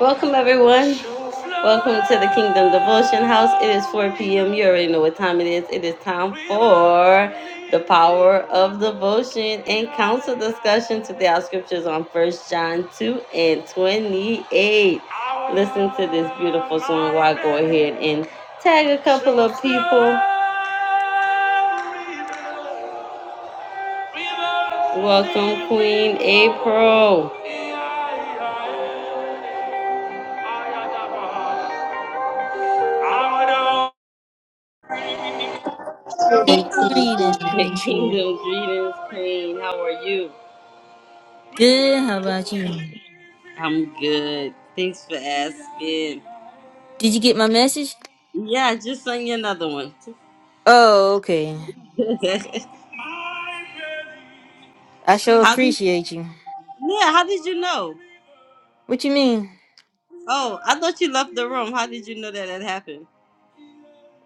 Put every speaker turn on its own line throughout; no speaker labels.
Welcome, everyone. Welcome to the Kingdom Devotion House. It is 4 p.m. You already know what time it is. It is time for the power of devotion and council discussion. Today, our scriptures on First John 2 and 28. Listen to this beautiful song while I go ahead and tag a couple of people. Welcome, Queen April.
Keep reading, Kanisha.
Kingdom greetings, Queen. How are you?
Good. How about you?
I'm good. Thanks for asking.
Did you get my message?
Yeah, I just sung you another one.
Oh, okay. I sure
how did?
appreciate you.
Yeah, how did you know?
What you mean?
Oh, I thought you left the room. How did you know that had happened?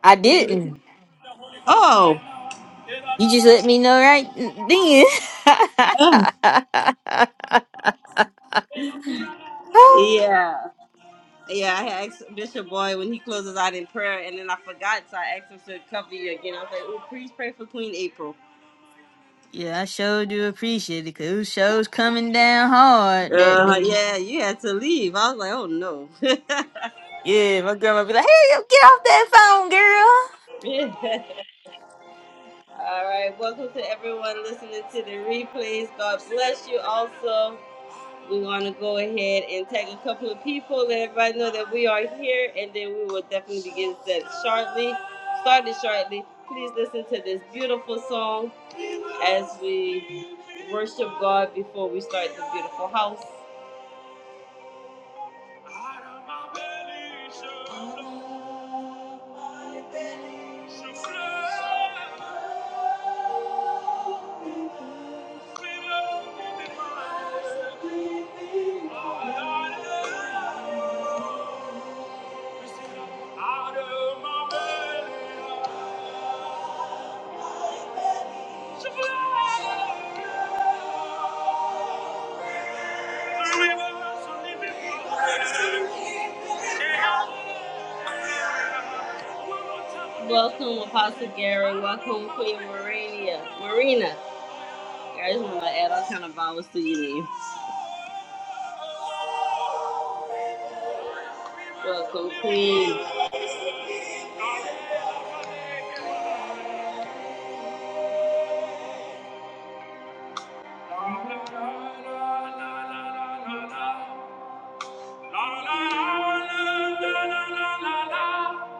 I
Did you listen?
didn't.
Oh.
You just let me know right then.
Ugh. yeah. Yeah, I had asked Bishop Boy when he closes out in prayer, and then I forgot, so I asked him to cover you again. I was like, "Oh, please pray for Queen April."
yeah, I sure do appreciate it because those shows coming down hard that
Uh,
day.
yeah, you had to leave. I was like, "Oh no."
Yeah, my grandma be like, hey, get off that phone, girl.
Yeah. All right, welcome to everyone listening to the replays. God bless you also. We're going to go ahead and tag a couple of people, let everybody know that we are here, and then we will definitely begin set shortly. Started shortly. Please listen to this beautiful song as we worship God before we start the beautiful house. Thank you. Welcome, Apostle Gary. Welcome, Queen Marina. Marina. I just want to add all kind of vowels to your name. Welcome, Queen.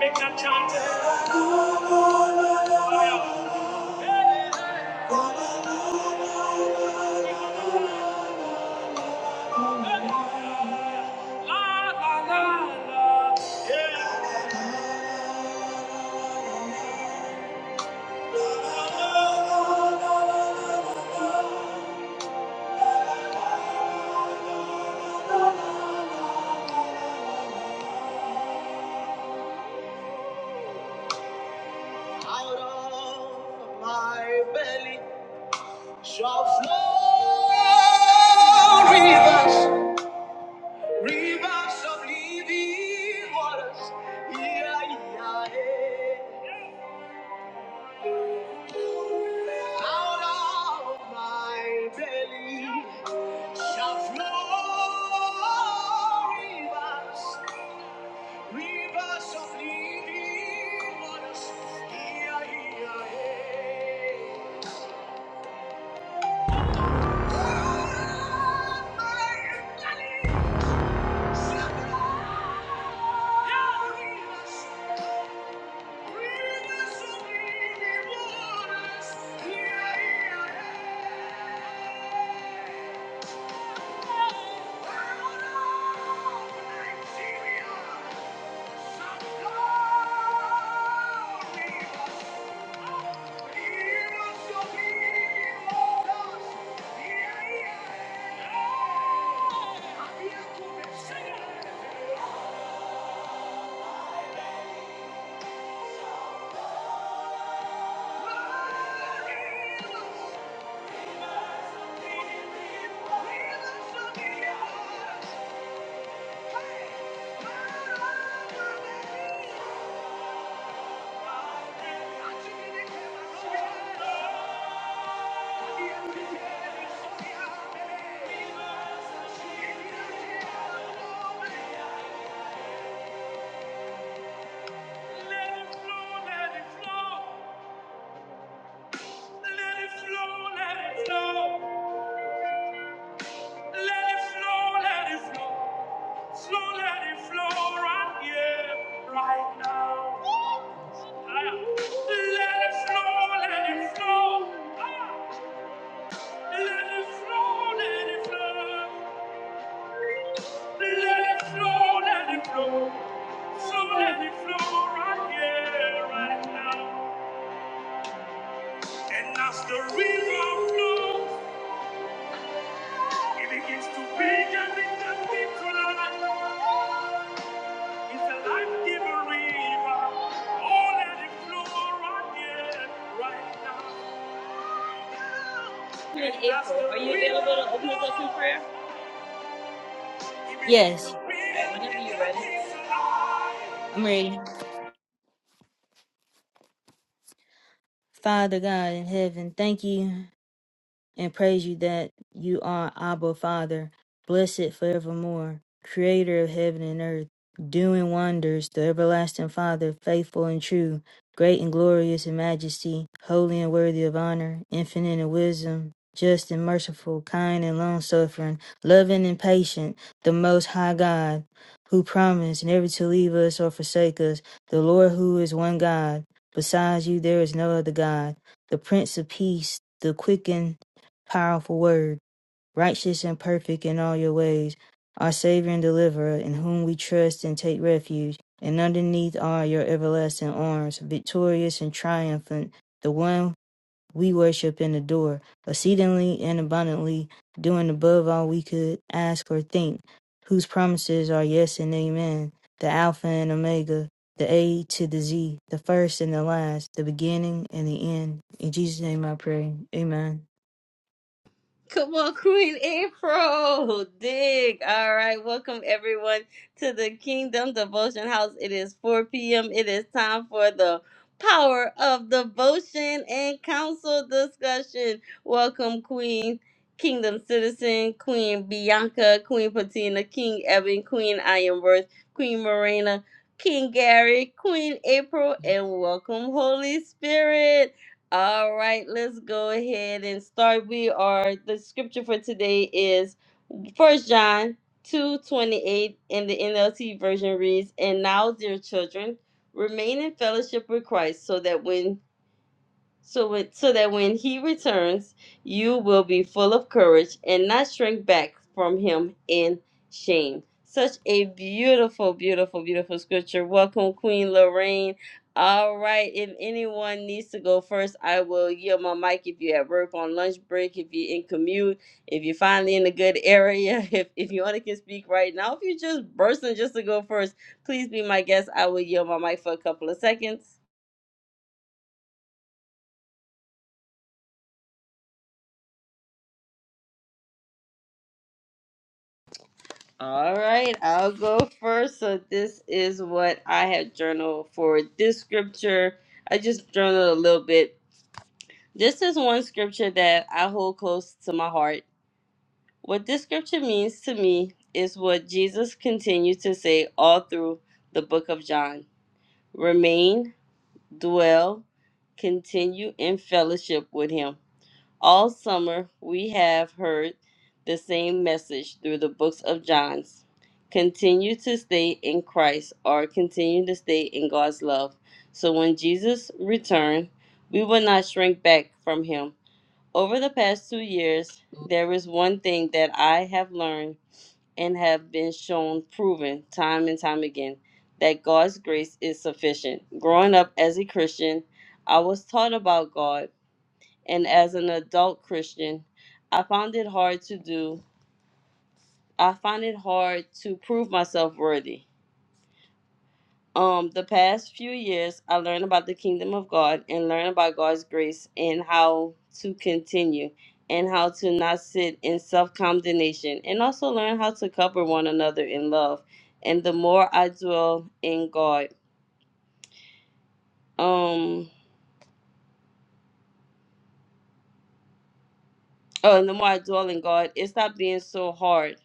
Make that chant. Oh, yeah. La la la la. Yeah. Out of my belly shall flow rivers, rivers of living waters. Yeah, yeah, yeah. Out of my belly shall flow rivers. Rivers of living waters, here, here, here. Oh, my God, Rivers rivers of living waters, here, here, here. Let it flow, let it flow, let it flow, let it flow. Let it flow, let it flow. Flow, let it flow right here, right now. Ah. Let it flow, let it flow. Ah. Let it flow, let it flow. Let it flow, let it flow. Flow, let it flow right here, right now. And as the river flows, it begins to bring everything into life. It's a life April, are you available to open with us up in prayer?
Yes,
Whenever you're ready.
I'm ready. Father God in heaven, thank you. and praise you that you are Abba Father, blessed forevermore, creator of heaven and earth, doing wonders, the everlasting Father, faithful and true, great and glorious in majesty, holy and worthy of honor, infinite in wisdom, just and merciful, kind and long suffering, loving and patient, the most high God, who promised never to leave us or forsake us, the Lord who is one God. Besides you there is no other God, the Prince of Peace, the quicken powerful word, righteous and perfect in all your ways, our Savior and Deliverer, in whom we trust and take refuge, and underneath are your everlasting arms, victorious and triumphant, the one we worship and adore, exceedingly and abundantly, doing above all we could ask or think, whose promises are yes and amen, the Alpha and Omega. The A to the Z, the first and the last, the beginning and the end. In Jesus' name I pray. Amen.
Come on, Queen April. Dig. All right. Welcome, everyone, to the Kingdom Devotion House. It is 4 p.m. It is time for the power of devotion and council discussion. Welcome, Queen Kingdom Citizen, Queen Bianca, Queen Patina, King Evan, Queen I Am Worth, Queen Morena, King Gary, Queen April, and welcome, Holy Spirit. All right, let's go ahead and start. We are the scripture for today is First John two twenty eight, and the NLT version reads, "And now, dear children, remain in fellowship with Christ, so that when so it, so that when he returns, you will be full of courage and not shrink back from him in shame. Such a beautiful, beautiful, beautiful scripture. Welcome, Queen Lorraine. All right, if anyone needs to go first, I will yield my mic if you're at work on lunch break, if you're in commute, if you're finally in a good area, if, if you only can speak right now, if you're just bursting just to go first, please be my guest. I will yield my mic for a couple of seconds. All right, I'll go first. So this is what I have journaled for this scripture. I just journaled a little bit. This is one scripture that I hold close to my heart. What this scripture means to me is what Jesus continues to say all through the book of John. Remain, dwell, continue in fellowship with him. All summer, we have heard the same message through the books of John's. Continue to stay in Christ or continue to stay in God's love. So when Jesus returned, we will not shrink back from him. Over the past two years, there is one thing that I have learned and have been shown proven time and time again that God's grace is sufficient. Growing up as a Christian, I was taught about God and as an adult Christian, I found it hard to do. I find it hard to prove myself worthy. Um, the past few years, I learned about the kingdom of God and learned about God's grace and how to continue and how to not sit in self condemnation and also learn how to cover one another in love. And the more I dwell in God, um, oh, and the more I dwell in God, it stopped being so hard.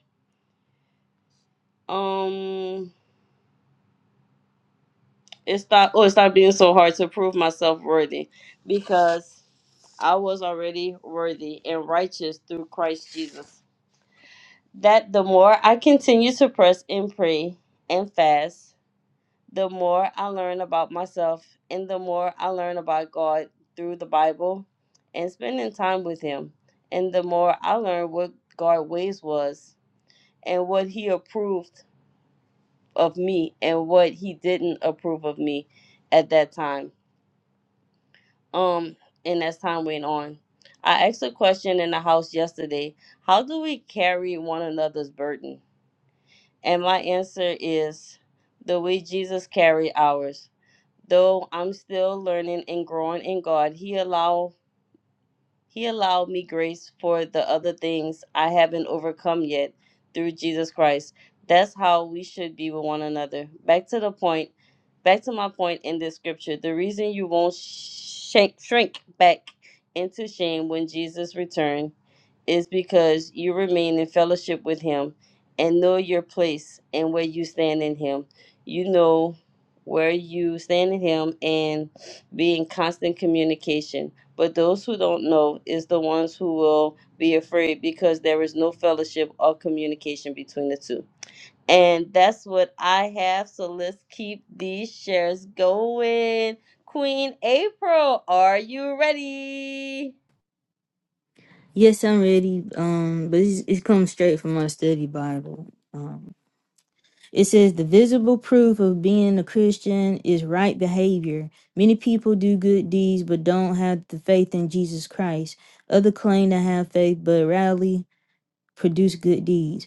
Um, it stopped oh it stopped being so hard to prove myself worthy because I was already worthy and righteous through Christ Jesus. That the more I continue to press and pray and fast, the more I learn about myself and the more I learn about God through the Bible and spending time with him. And the more I learn what God's ways was and what he approved of me and what he didn't approve of me at that time um and as time went on i asked a question in the house yesterday how do we carry one another's burden and my answer is the way jesus carried ours though i'm still learning and growing in god he allows he allowed me grace for the other things I haven't overcome yet through Jesus Christ. That's how we should be with one another. Back to the point, back to my point in this scripture. The reason you won't shake, shrink back into shame when Jesus returns is because you remain in fellowship with Him and know your place and where you stand in Him. You know where you stand in Him and be in constant communication but those who don't know is the ones who will be afraid because there is no fellowship or communication between the two. And that's what I have. So let's keep these shares going. Queen April, are you ready?
Yes, I'm ready. Um, but it's, it comes straight from my study Bible. Um, it says the visible proof of being a Christian is right behavior. Many people do good deeds but don't have the faith in Jesus Christ. Other claim to have faith but rarely produce good deeds.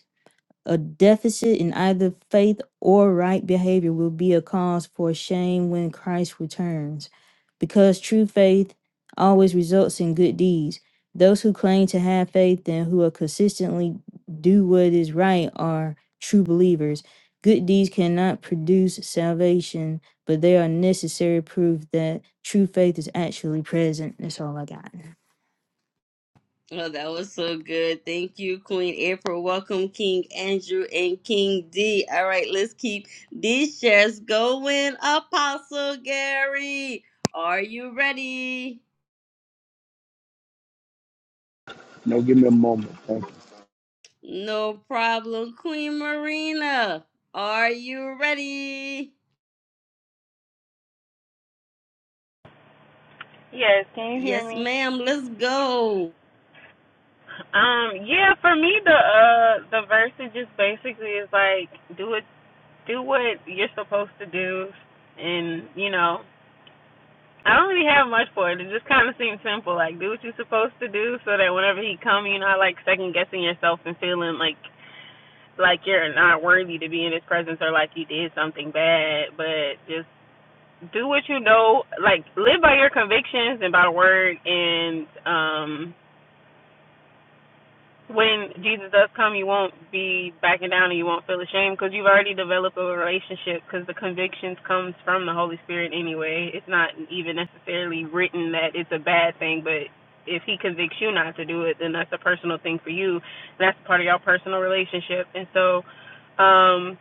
A deficit in either faith or right behavior will be a cause for shame when Christ returns. Because true faith always results in good deeds. Those who claim to have faith and who are consistently do what is right are true believers. Good deeds cannot produce salvation, but they are necessary proof that true faith is actually present. That's all I got.
Oh, that was so good. Thank you, Queen April. Welcome, King Andrew and King D. All right, let's keep these shares going. Apostle Gary, are you ready?
No, give me a moment. Thank
No problem, Queen Marina. Are you ready?
Yes, can you hear
Yes,
me?
ma'am. Let's go.
Um, yeah, for me the uh the verse is just basically is like do it do what you're supposed to do and you know I don't really have much for it. It just kinda seems simple, like do what you're supposed to do so that whenever he come you're not like second guessing yourself and feeling like like you're not worthy to be in his presence or like you did something bad, but just do what you know, like live by your convictions and by the word and um when Jesus does come, you won't be backing down and you won't feel ashamed because you've already developed a relationship because the convictions comes from the Holy Spirit anyway. It's not even necessarily written that it's a bad thing, but if he convicts you not to do it, then that's a personal thing for you. That's part of your personal relationship. And so, um,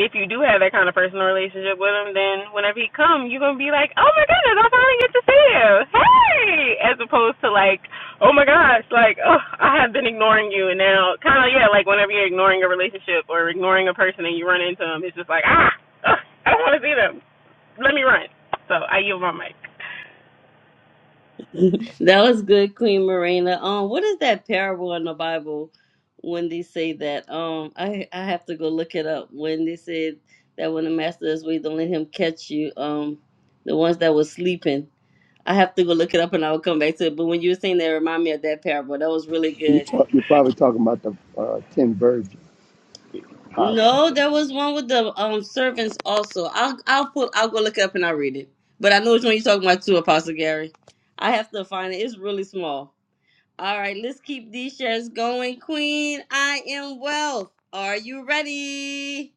if you do have that kind of personal relationship with him, then whenever he come, you're gonna be like, oh my goodness, I finally get to see you, hey, as opposed to like, oh my gosh, like, oh, I have been ignoring you, and now kind of yeah, like whenever you're ignoring a relationship or ignoring a person and you run into them, it's just like ah, ugh, I don't want to see them. Let me run. So I yield my mic.
that was good, Queen Marina. Um, what is that parable in the Bible when they say that? Um, I I have to go look it up. When they said that when the master is weak, don't let him catch you. Um, the ones that was sleeping. I have to go look it up and I will come back to it. But when you were saying that, it remind me of that parable. That was really
you. You
good.
talk, you're probably talking about the uh, ten virgins, possibly.
No, there was one with the um servants also. I'll I'll put I'll go look it up and I'll read it. But I know which one you're talking about too, Apostle Gary. I have to find it. It's really small. All right, let's keep these shares going. Queen, I am wealth. Are you ready?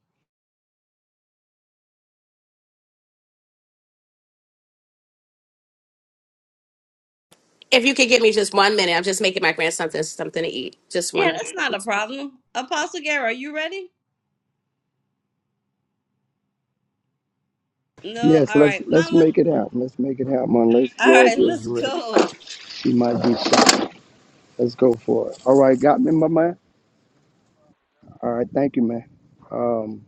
If you could give me just one minute, I'm just making my grandson something something to eat. Just one
Yeah, that's not
second.
a problem. Apostle Gary, are you ready? No?
Yes,
All
let's
right.
let's
Mama.
make it happen. Let's make it happen. Unless
All right,
Georgia is
let's
ready,
go.
she might be shy. Let's go for it. All right, got me, my man. All right, thank you, man. Um,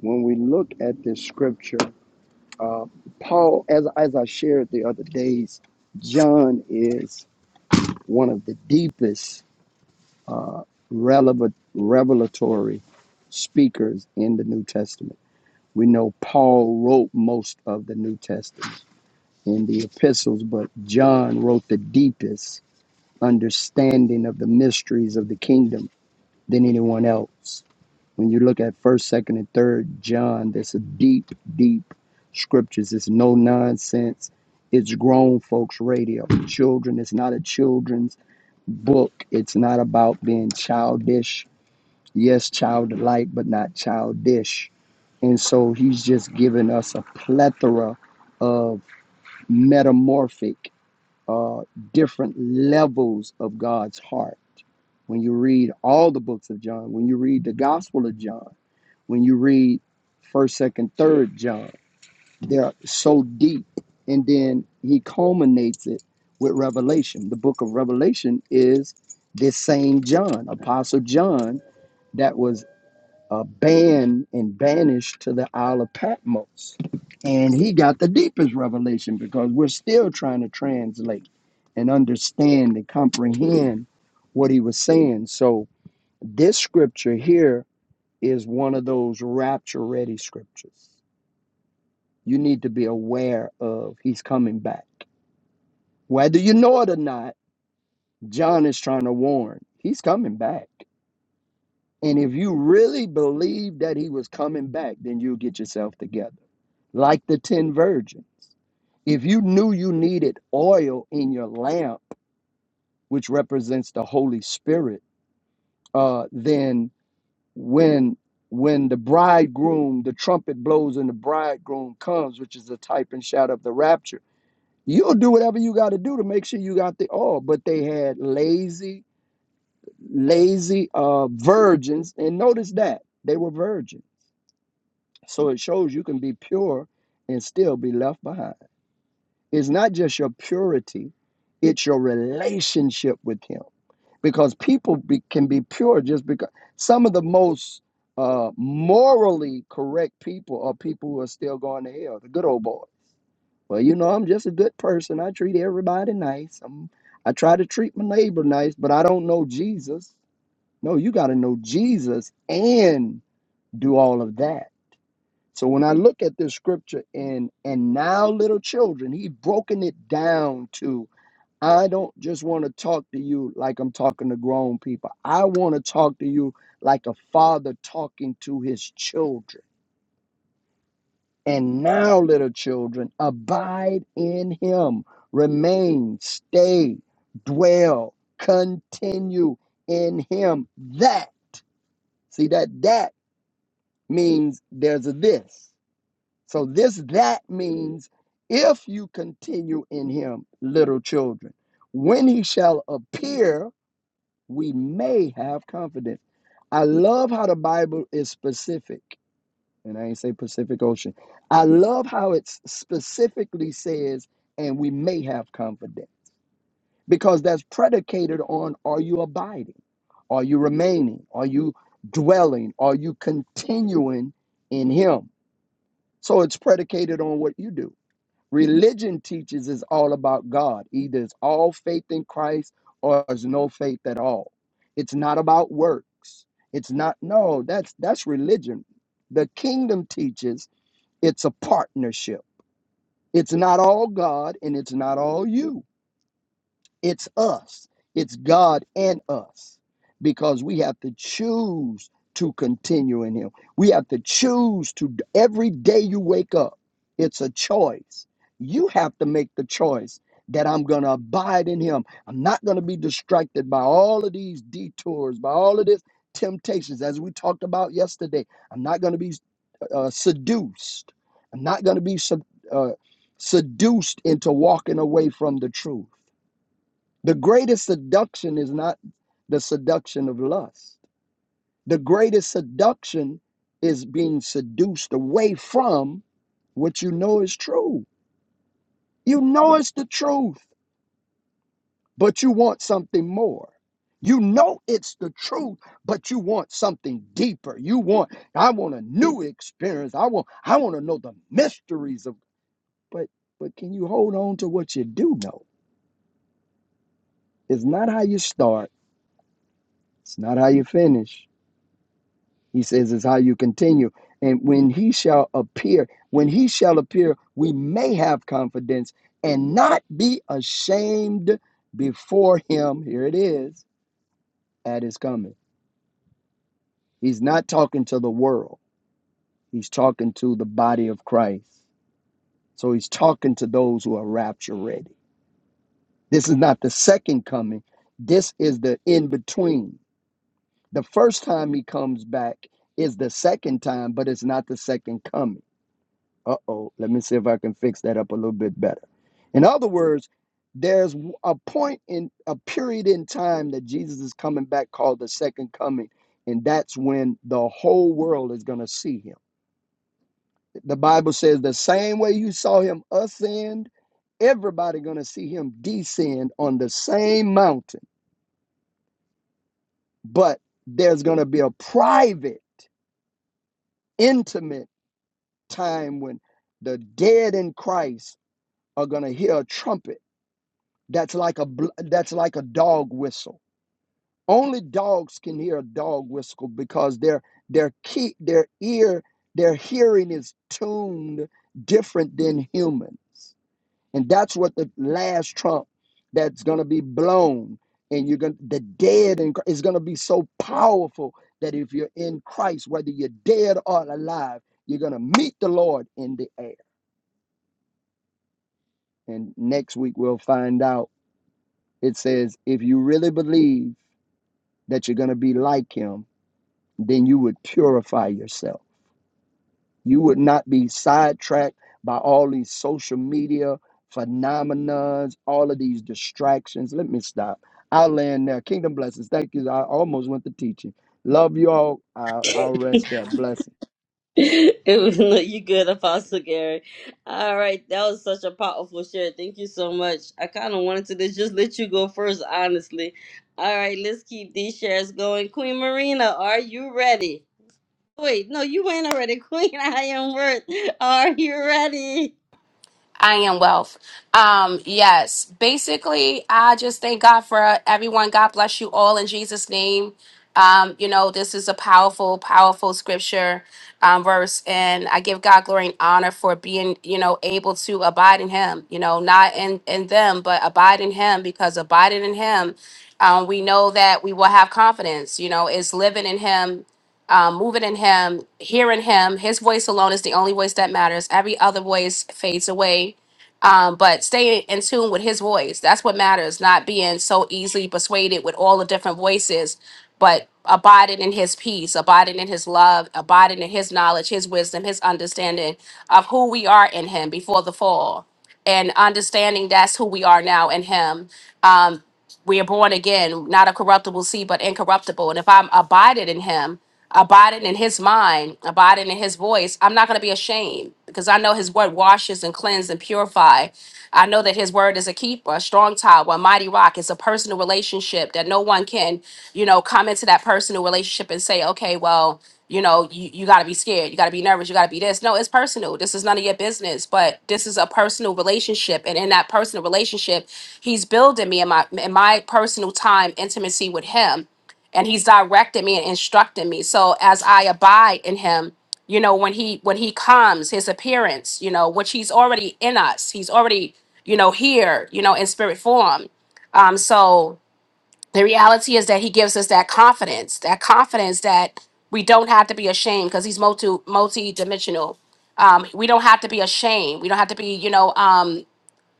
when we look at this scripture, uh, Paul, as as I shared the other days, John is one of the deepest relevant revelatory speakers in the New Testament We know Paul wrote most of the New Testament in the epistles, but John wrote the deepest understanding of the mysteries of the kingdom than anyone else. When you look at first, second, and third John, there's a deep, deep scriptures. It's no nonsense. It's grown folks radio. Children, it's not a children's book. It's not about being childish Yes, childlike, but not childish. And so he's just given us a plethora of metamorphic, uh, different levels of God's heart. When you read all the books of John, when you read the Gospel of John, when you read 1st, 2nd, 3rd John, they're so deep. And then he culminates it with Revelation. The book of Revelation is this same John, Apostle John, that was uh, banned and banished to the Isle of Patmos. And he got the deepest revelation because we're still trying to translate and understand and comprehend what he was saying. So, this scripture here is one of those rapture ready scriptures you need to be aware of. He's coming back. Whether you know it or not, John is trying to warn he's coming back. And if you really believe that he was coming back, then you'll get yourself together like the 10 virgins. If you knew you needed oil in your lamp, which represents the Holy Spirit, uh, then when when the bridegroom, the trumpet blows and the bridegroom comes, which is the type and shadow of the rapture, you'll do whatever you got to do to make sure you got the oil. But they had lazy, lazy uh, virgins, and notice that they were virgins. So it shows you can be pure and still be left behind. It's not just your purity, it's your relationship with Him. Because people be, can be pure just because some of the most uh, morally correct people are people who are still going to hell, the good old boy. Well, you know, I'm just a good person. I treat everybody nice. I'm, I try to treat my neighbor nice, but I don't know Jesus. No, you got to know Jesus and do all of that. So when I look at this scripture and and now little children, he's broken it down to I don't just want to talk to you like I'm talking to grown people. I want to talk to you like a father talking to his children. And now, little children, abide in him, remain, stay, dwell, continue in him. That, see, that that means there's a this. So, this that means if you continue in him, little children, when he shall appear we may have confidence. I love how the Bible is specific, and I ain't say Pacific Ocean. I love how it specifically says, and we may have confidence because that's predicated on are you abiding? Are you remaining? Are you dwelling? Are you continuing in Him? So it's predicated on what you do. Religion teaches is all about God. Either it's all faith in Christ or there's no faith at all. It's not about works. It's not no, that's that's religion. The kingdom teaches it's a partnership. It's not all God and it's not all you. It's us. It's God and us because we have to choose to continue in Him. We have to choose to, every day you wake up, it's a choice. You have to make the choice that I'm going to abide in Him. I'm not going to be distracted by all of these detours, by all of this temptations, as we talked about yesterday. I'm not going to be uh, seduced. I'm not going to be sub, uh, seduced into walking away from the truth. The greatest seduction is not the seduction of lust. The greatest seduction is being seduced away from what you know is true. You know it's the truth, but you want something more. You know it's the truth, but you want something deeper. You want I want a new experience. I want I want to know the mysteries of but but can you hold on to what you do know? It's not how you start, it's not how you finish. He says, is how you continue. And when he shall appear, when he shall appear, we may have confidence and not be ashamed before him. Here it is at his coming. He's not talking to the world, he's talking to the body of Christ. So he's talking to those who are rapture ready. This is not the second coming, this is the in between. The first time he comes back is the second time, but it's not the second coming. Uh oh, let me see if I can fix that up a little bit better. In other words, there's a point in a period in time that Jesus is coming back called the second coming, and that's when the whole world is going to see him. The Bible says the same way you saw him ascend, everybody going to see him descend on the same mountain, but there's going to be a private, intimate time when the dead in Christ are going to hear a trumpet that's like a bl- that's like a dog whistle. Only dogs can hear a dog whistle because their their key their ear their hearing is tuned different than humans, and that's what the last trump that's gonna be blown, and you're gonna the dead and is gonna be so powerful that if you're in Christ, whether you're dead or alive, you're gonna meet the Lord in the air. And next week we'll find out. It says if you really believe. that you're going to be like him, then you would purify yourself. You would not be sidetracked by all these social media phenomena, all of these distractions. Let me stop. I'll land there. Kingdom blessings. Thank you. I almost went to teaching. Love you all. I, I'll rest there. Blessing.
it was no, you good, Apostle Gary. All right, that was such a powerful share. Thank you so much. I kind of wanted to just just let you go first, honestly. All right, let's keep these shares going. Queen Marina, are you ready? Wait, no, you ain't already. Queen I am worth. Are you ready?
I am wealth. Um, yes. Basically, I just thank God for everyone. God bless you all in Jesus' name. Um, you know, this is a powerful, powerful scripture um, verse, and I give God glory and honor for being, you know, able to abide in Him. You know, not in in them, but abide in Him, because abiding in Him, um, we know that we will have confidence. You know, it's living in Him um, moving in him, hearing him. His voice alone is the only voice that matters. Every other voice fades away. Um, but staying in tune with his voice, that's what matters, not being so easily persuaded with all the different voices, but abiding in his peace, abiding in his love, abiding in his knowledge, his wisdom, his understanding of who we are in him before the fall. And understanding that's who we are now in Him. Um, we are born again, not a corruptible seed, but incorruptible. And if I'm abiding in him, abiding in his mind, abiding in his voice, I'm not going to be ashamed because I know his word washes and cleanses and purify. I know that his word is a keeper, a strong tower, a mighty rock. It's a personal relationship that no one can, you know, come into that personal relationship and say, okay, well, you know, you, you got to be scared. You got to be nervous. You got to be this. No, it's personal. This is none of your business, but this is a personal relationship. And in that personal relationship, he's building me in my, in my personal time, intimacy with him. And he's directing me and instructing me. So as I abide in him, you know, when he, when he comes, his appearance, you know, which he's already in us, he's already, you know, here, you know, in spirit form. Um, so the reality is that he gives us that confidence that confidence that we don't have to be ashamed because he's multi multi-dimensional um, we don't have to be ashamed we don't have to be you know um,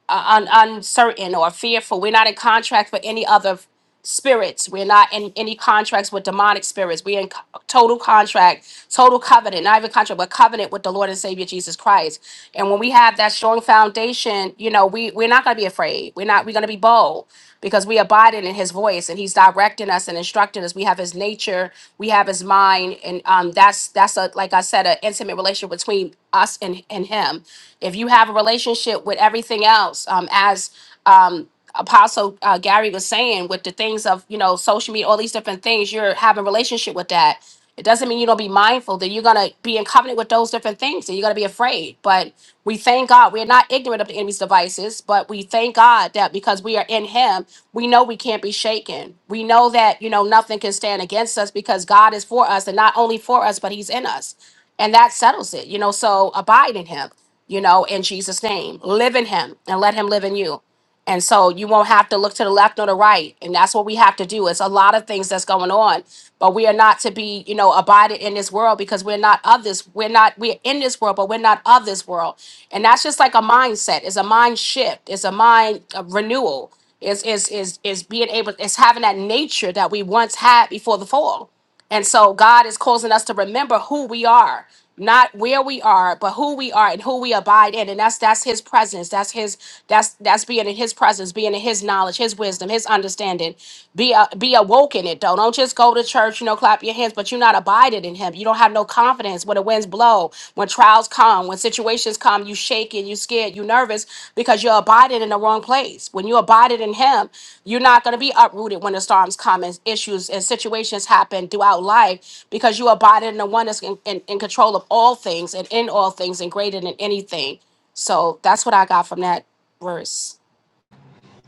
un- uncertain or fearful we're not in contract for any other spirits. We're not in any contracts with demonic spirits. We're in co- total contract, total covenant, not even contract, but covenant with the Lord and Savior Jesus Christ. And when we have that strong foundation, you know, we we're not going to be afraid. We're not. We're going to be bold because we abide in His voice, and He's directing us and instructing us. We have His nature, we have His mind, and um, that's that's a like I said, an intimate relationship between us and and Him. If you have a relationship with everything else, um, as um, Apostle uh, Gary was saying with the things of you know social media, all these different things, you're having relationship with that. It doesn't mean you don't be mindful that you're gonna be in covenant with those different things, and you're gonna be afraid. But we thank God we're not ignorant of the enemy's devices, but we thank God that because we are in Him, we know we can't be shaken. We know that you know nothing can stand against us because God is for us, and not only for us, but He's in us, and that settles it. You know, so abide in Him. You know, in Jesus' name, live in Him, and let Him live in you and so you won't have to look to the left or the right. And that's what we have to do. It's a lot of things that's going on. But we are not to be, you know, abided in this world because we're not of this. We're not, we're in this world, but we're not of this world. And that's just like a mindset. It's a mind shift. It's a mind uh, renewal. It's, is is is being able, it's having that nature that we once had before the fall. And so God is causing us to remember who we are, not where we are, but who we are and who we abide in. And that's that's his presence. That's his that's that's being in his presence, being in his knowledge, his wisdom, his understanding. Be uh, be awoke in it though. Don't just go to church, you know, clap your hands, but you're not abiding in him. You don't have no confidence when the winds blow, when trials come, when situations come, you shake and you scared, you nervous because you're abiding in the wrong place. When you abided in Him, you're not going to be uprooted when the storms come and issues and situations happen throughout life because you abided in the one that's in, in, in control of all things and in all things and greater than anything. So that's what I got from that verse.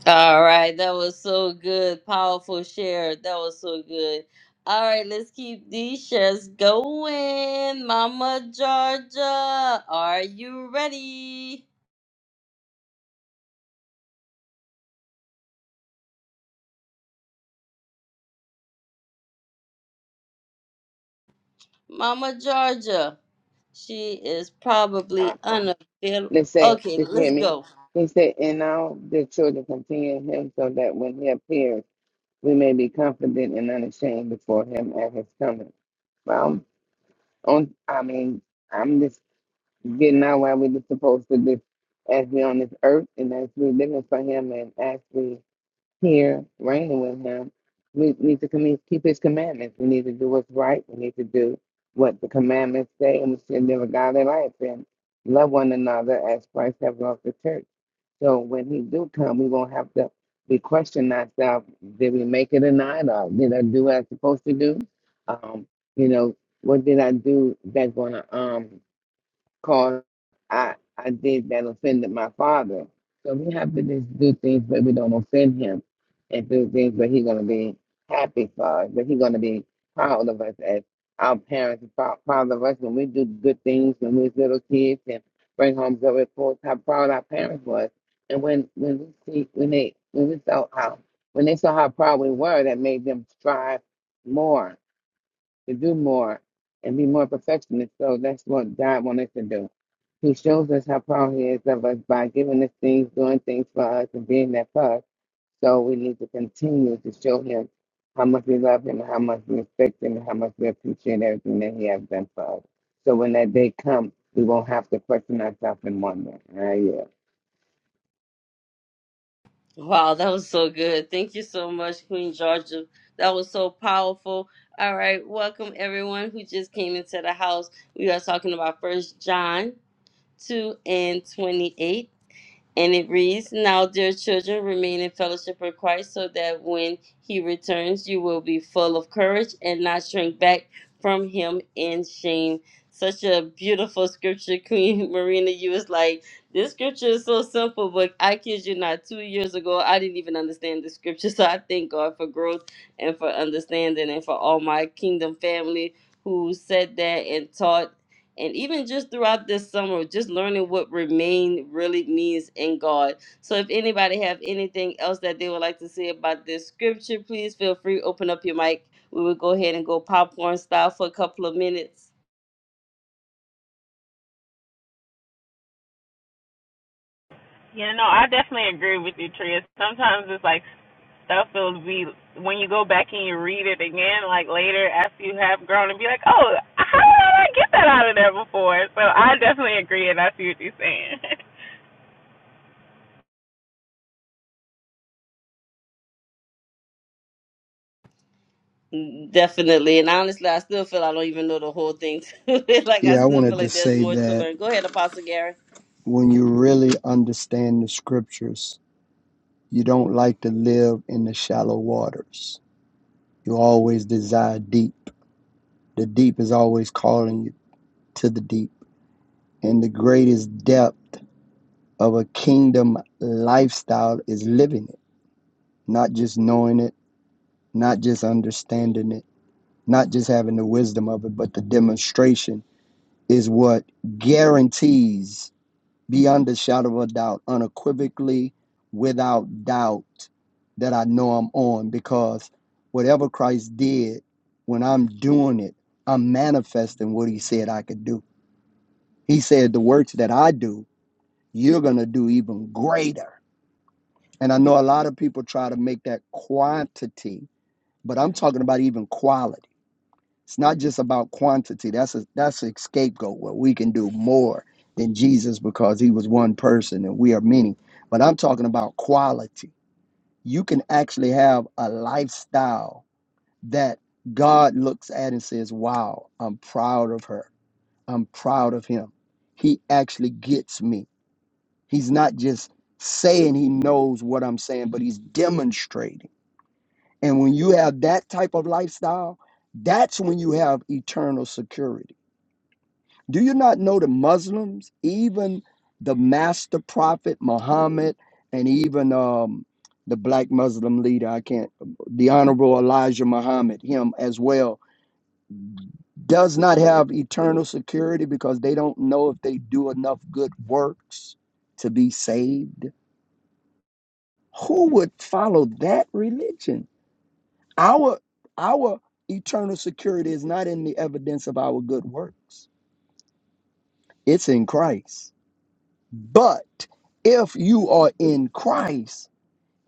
All right, that was so good. Powerful share. That was so good. All right, let's keep these shares going. Mama Georgia, are you ready? Mama Georgia. She is probably
um,
unavailable.
let's say,
Okay,
if you
let's
hear me,
go.
he said, and now the children continue in him so that when he appears, we may be confident and unashamed before him at his coming. Well, on, I mean, I'm just getting out why we're just supposed to do as we on this earth and as we living for him and as we here reigning with him, we need to com- keep his commandments. We need to do what's right. We need to do what the commandments say, and we should live a godly life and love one another as Christ have loved the church. So when he do come, we won't have to be questioning ourselves, did we make it or not, or did I do what I was supposed to do? Um, you know, what did I do that's gonna um because I I did that offended my father. So we have to just do things where we don't offend him, and do things where he's gonna be happy for us, where he's gonna be proud of us as our parents are prou- proud of us when we do good things when we was little kids and bring home good reports. How proud our parents was, and when when we see when they when we saw how when they saw how proud we were, that made them strive more to do more and be more perfectionist. So that's what God wants us to do. He shows us how proud He is of us by giving us things, doing things for us, and being there for us. So we need to continue to show Him how much we love Him, and how much we respect Him, and how much we appreciate everything that He has done for us. So when that day comes, we won't have to question ourselves and wonder. Ah, yeah.
Wow, that was so good. Thank you so much, Queen Georgia. That was so powerful. All right, welcome everyone who just came into the house. We are talking about First John 2 and 28. And it reads, Now, dear children, remain in fellowship with Christ so that when he returns, you will be full of courage and not shrink back from him in shame. Such a beautiful scripture, Queen Marina. You was like, This scripture is so simple, but I kid you not, two years ago, I didn't even understand the scripture. So I thank God for growth and for understanding and for all my kingdom family who said that and taught and even just throughout this summer just learning what remain really means in god so if anybody have anything else that they would like to say about this scripture please feel free open up your mic we will go ahead and go popcorn style for a couple of minutes
Yeah, no, I definitely agree with you, Tria. Sometimes it's like stuff it will be when you go back and you read it again, like later after you have grown, and be like, oh, how did I get that out of there before? So I definitely agree, and I see what you're saying.
Mm, definitely and honestly i still feel i don't even know the whole thing like i
Yeah, I
still feel
wanted to
like there's
say
more to
that
learn go ahead apostle gary
when you really understand the scriptures, you don't like to live in the shallow waters. You always desire deep. The deep is always calling you to the deep And the greatest depth of a kingdom lifestyle is living it, not just knowing it, not just understanding it, not just having the wisdom of it, but the demonstration is what guarantees, beyond a shadow of a doubt, unequivocally, without doubt, that I know I'm on because whatever Christ did, when I'm doing it, I'm manifesting what he said I could do. He said, The works that I do, you're going to do even greater And I know a lot of people try to make that quantity, but I'm talking about even quality. It's not just about quantity. That's a that's a scapegoat where we can do more than Jesus because he was one person and we are many. But I'm talking about quality. You can actually have a lifestyle that God looks at and says, Wow, I'm proud of her. I'm proud of him. He actually gets me. He's not just saying he knows what I'm saying, but he's demonstrating. And when you have that type of lifestyle, that's when you have eternal security. Do you not know the Muslims, even the master prophet Muhammad, and even um, the black Muslim leader, I can't, the Honorable Elijah Muhammad, him as well, does not have eternal security because they don't know if they do enough good works to be saved? Who would follow that religion? Our our eternal security is not in the evidence of our good works. It's in Christ. But if you are in Christ,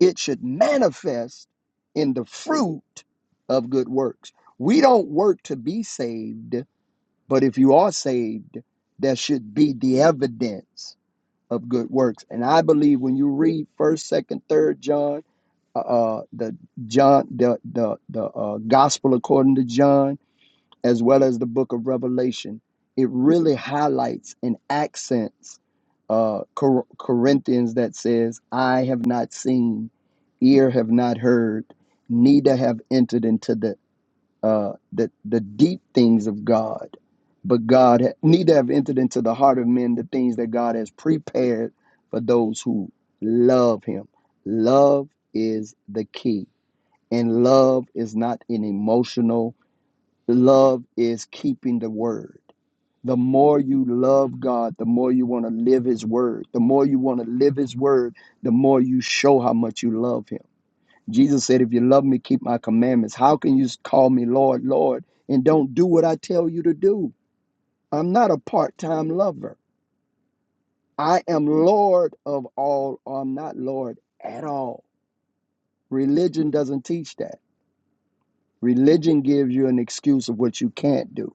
it should manifest in the fruit of good works. We don't work to be saved, but if you are saved, there should be the evidence of good works. And I believe when you read first, second, third John, uh, uh, the John, the the the uh, gospel according to John as well as the book of Revelation, it really highlights and accents uh, Cor- Corinthians that says, "I have not seen, ear have not heard, neither have entered into the uh, the the deep things of God, but God ha- neither have entered into the heart of men the things that God has prepared for those who love Him. Love is the key, and love is not an emotional." Love is keeping the word. The more you love God, the more you want to live his word. The more you want to live his word, the more you show how much you love him. Jesus said, If you love me, keep my commandments. How can you call me Lord, Lord, and don't do what I tell you to do? I'm not a part time lover. I am Lord of all, or I'm not Lord at all. Religion doesn't teach that. Religion gives you an excuse of what you can't do.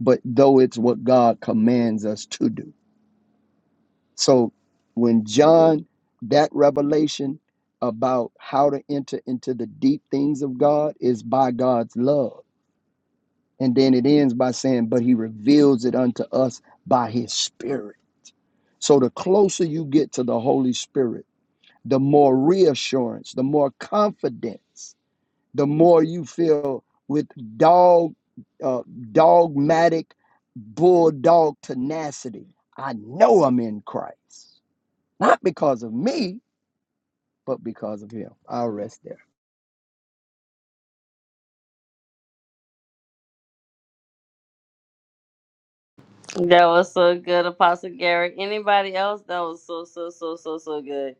but though it's what God commands us to do. So when John, that revelation about how to enter into the deep things of God is by God's love. And then it ends by saying, but he reveals it unto us by his spirit. So the closer you get to the Holy Spirit, the more reassurance, the more confidence the more you feel with dog uh, dogmatic bulldog tenacity. I know I'm in Christ, not because of me, but because of Him. I'll rest there.
that was so good apostle gary anybody else that was so so so so so good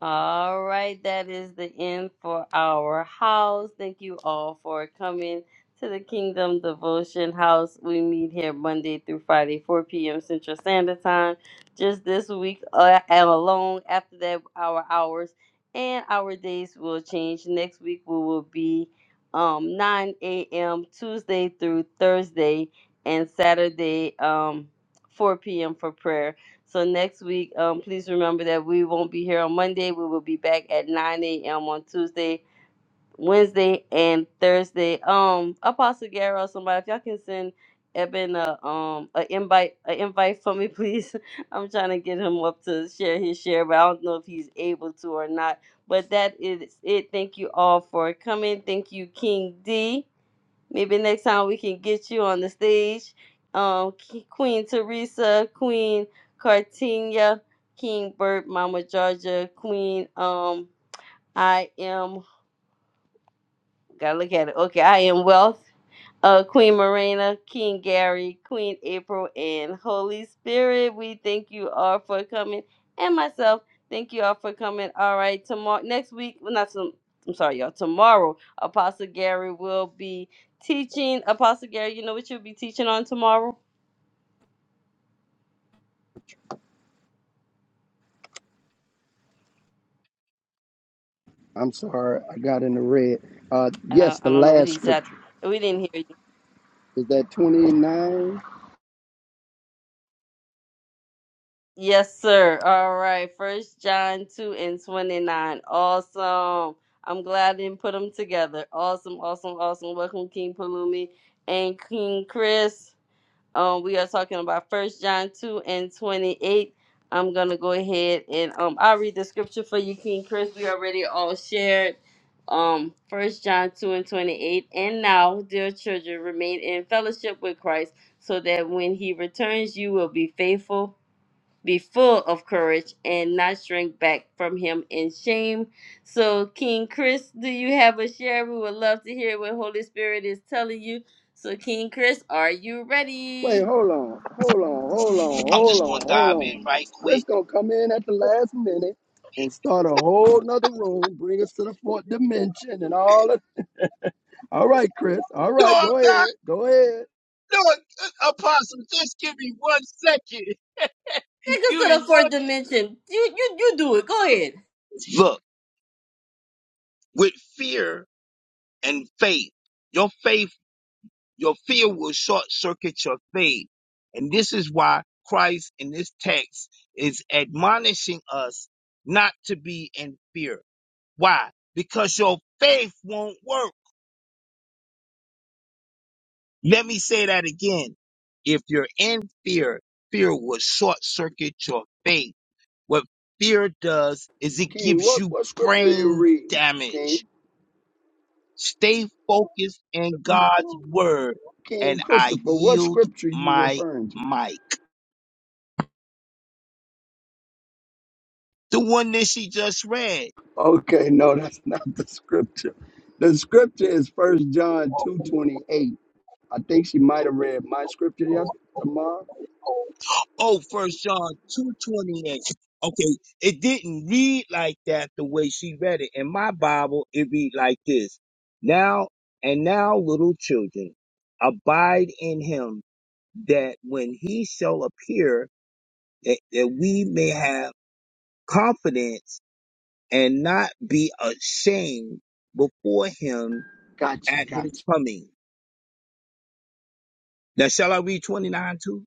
All right, that is the end for our house. Thank you all for coming to the Kingdom Devotion House. We meet here Monday through Friday, 4 p.m. Central Standard Time. Just this week uh, and alone, after that, our hours and our days will change. Next week, we will be um, 9 a.m. Tuesday through Thursday and Saturday, um, 4 p.m. for prayer. So next week, um, please remember that we won't be here on Monday. We will be back at 9 a.m. on Tuesday, Wednesday, and Thursday. Um, Apostle Gary or somebody, if y'all can send Eben a um a invite a invite for me, please. I'm trying to get him up to share his share, but I don't know if he's able to or not. But that is it. Thank you all for coming. Thank you, King D. Maybe next time we can get you on the stage. Um, K- Queen Teresa, Queen Cartinia, King Bert, Mama Georgia, Queen um, I am. Gotta look at it. Okay, I am Wealth, uh, Queen Marina, King Gary, Queen April, and Holy Spirit. We thank you all for coming, and myself. Thank you all for coming. All right, tomorrow, next week. Well, not some. I'm sorry, y'all. Tomorrow, Apostle Gary will be teaching. Apostle Gary, you know what you'll be teaching on tomorrow?
I'm sorry, I got in the red. Uh,
Uh,
yes, the
I don't know what
last
he said.
scripture
We didn't hear. you.
is that 29.
Yes, sir. All right. First John 2 and 29. Awesome. I'm glad I didn't put them together. Awesome, awesome, awesome. Welcome, King Palumi and King Chris. Um, we are talking about First John 2 and 28. I'm gonna go ahead and um I'll read the scripture for you, King Chris. We already all shared. Um, first John 2 and 28. And now, dear children, remain in fellowship with Christ, so that when he returns, you will be faithful be full of courage and not shrink back from him in shame. So, King Chris, do you have a share? We would love to hear what Holy Spirit is telling you. So, King Chris, are you
Wait,
ready?
hold on, hold on, hold on,
I'm
hold
just
on,
gonna
hold
dive in
on.
right
Chris
quick.
gonna come in at the last minute and start a whole nother room, bring us to the fourth dimension and all All right, Chris. All
No,
right,
I'm
go
not.
ahead. Go ahead.
No, uh, Apostle, just give me one second.
Take us
You
to
in
the
one?
fourth dimension. You you you do it. Go ahead.
Look, with fear and faith, your faith, your fear will short circuit your faith. And this is why Christ in this text is admonishing us not to be in fear. Why? Because your faith won't work. Let me say that again. If you're in fear, fear will short circuit your faith. What fear does is it
King,
gives
what,
you
what scripture are you
brain
reading, King?
damage. Stay focused in God's word,
King
and I
Christopher, what
yield
scripture you
my
referring to?
mic. The one that she just read.
Okay, no, that's not the scripture. The scripture is First John 2.28. I think she might have read my scripture yes, tomorrow.
Oh, First John two twenty eight. Okay, it didn't read like that the way she read it. In my Bible, it read like this: Now and now, little children, abide in Him, that when He shall appear that, that we may have confidence and not be ashamed before him
Gotcha,
at his
gotcha.
coming. Now, shall I read 29 too?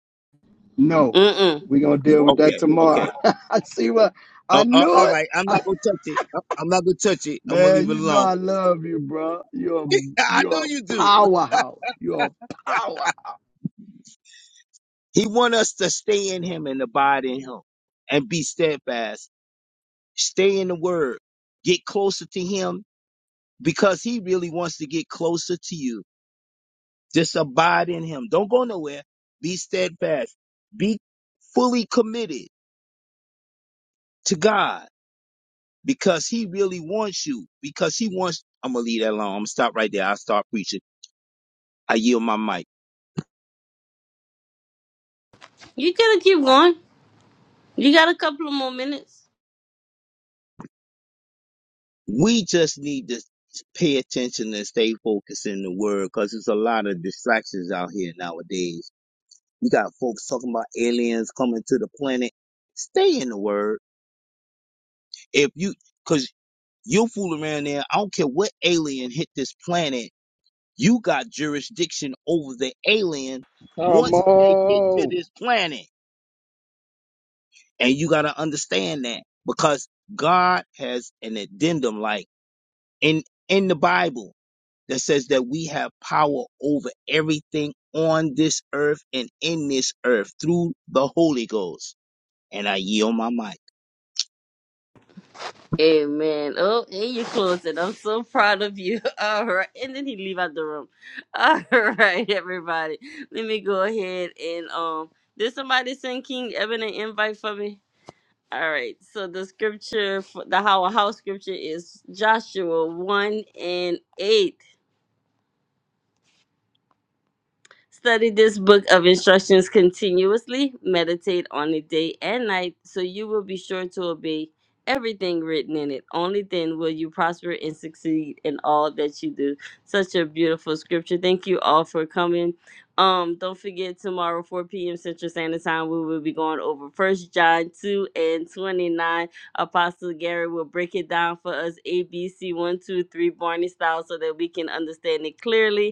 No,
Mm mm.
we're going to deal with that
Okay,
tomorrow.
okay.
I see what, I
Uh, uh,
knew
all
it.
right, I'm not going to touch it. Uh, I'm not going to touch it. I'm going to
Man,
leave it
you know
alone.
I love you, bro. You're,
I know
you're
you
a
do.
powerhouse. You're a powerhouse.
He want us to stay in him and abide in him and be steadfast. Stay in the word. Get closer to him because he really wants to get closer to you. Just abide in him. Don't go nowhere. Be steadfast. Be fully committed to God because he really wants you. Because he wants, I'm going to leave that alone. I'm going to stop right there. I'll start preaching. I yield my mic.
You gotta keep going. You got a couple of more minutes.
We just need to pay attention and stay focused in the word because there's a lot of distractions out here nowadays. You got folks talking about aliens coming to the planet. Stay in the word. If you, cause you'll fool around there. I don't care what alien hit this planet You got jurisdiction over the alien
Come
once they get to
on.
this planet. And you got to understand that because God has an addendum like in, in the Bible that says that we have power over everything on this earth and in this earth through the Holy Ghost. And I yield my mic.
Amen. Oh, and you closed it. I'm so proud of you. All right. And then he leave out the room. All right, everybody. Let me go ahead and um did somebody send King Evan an invite for me? All right. So the scripture for the how house scripture is Joshua 1 and 8. Study this book of instructions continuously, meditate on it day and night, so you will be sure to obey everything written in it. Only then will you prosper and succeed in all that you do. Such a beautiful scripture. Thank you all for coming. Um, don't forget tomorrow, 4 p.m. Central Standard Time, we will be going over First John 2 and 29. Apostle Gary will break it down for us, ABC one 2 3, Barney style, so that we can understand it clearly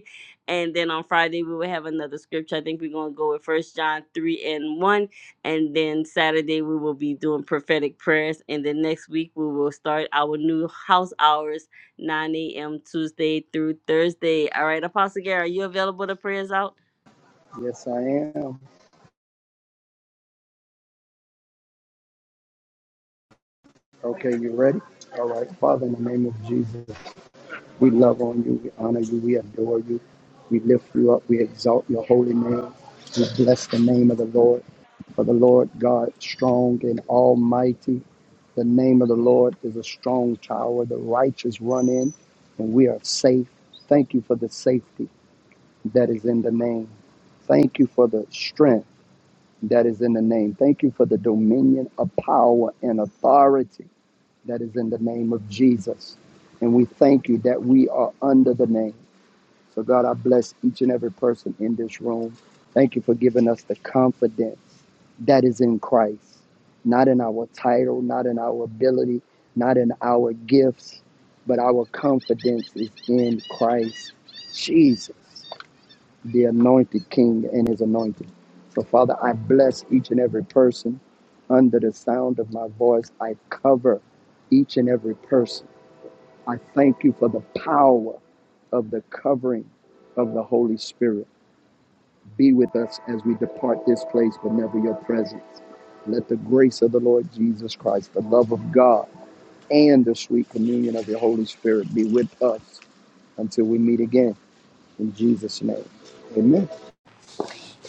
and then on Friday we will have another scripture. I think we're gonna go with First John three and one, and then Saturday we will be doing prophetic prayers. And then next week we will start our new house hours, nine a.m. Tuesday through Thursday. All right, Apostle Gary, are you available to pray us out?
Yes, I am. Okay, you ready? All right. Father, in the name of Jesus, we love on you, we honor you, we adore you, we lift you up, we exalt your holy name, we bless the name of the Lord. For the Lord God, strong and almighty, the name of the Lord is a strong tower. The righteous run in, and we are safe. Thank you for the safety that is in the name. Thank you for the strength. that is in the name. Thank you for the dominion of power and authority that is in the name of Jesus. And we thank you that we are under the name. So, God, I bless each and every person in this room. Thank you for giving us the confidence that is in Christ, not in our title, not in our ability, not in our gifts, but our confidence is in Christ Jesus the anointed king and his anointing. So, Father, I bless each and every person under the sound of my voice. I cover each and every person. I thank you for the power of the covering of the Holy Spirit. Be with us as we depart this place, but never your presence. Let the grace of the Lord Jesus Christ, the love of God, and the sweet communion of the Holy Spirit be with us until we meet again. In Jesus' name, amen.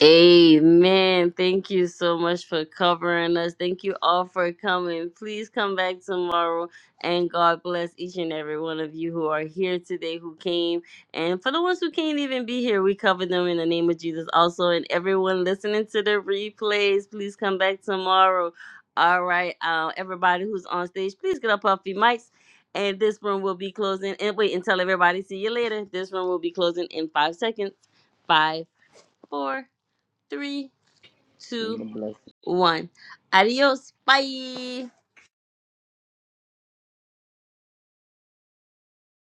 Amen. Thank you so much for covering us. Thank you all for coming. Please come back tomorrow and God bless each and every one of you who are here today who came. And for the ones who can't even be here, we cover them in the name of Jesus also. And everyone listening to the replays, please come back tomorrow. All right. Uh, everybody who's on stage, please get up off your mics. And this room will be closing. And wait and tell everybody, see you later. This room will be closing in five seconds. Five, four three, two,
Kingdom blessings.
one. Adios. Bye.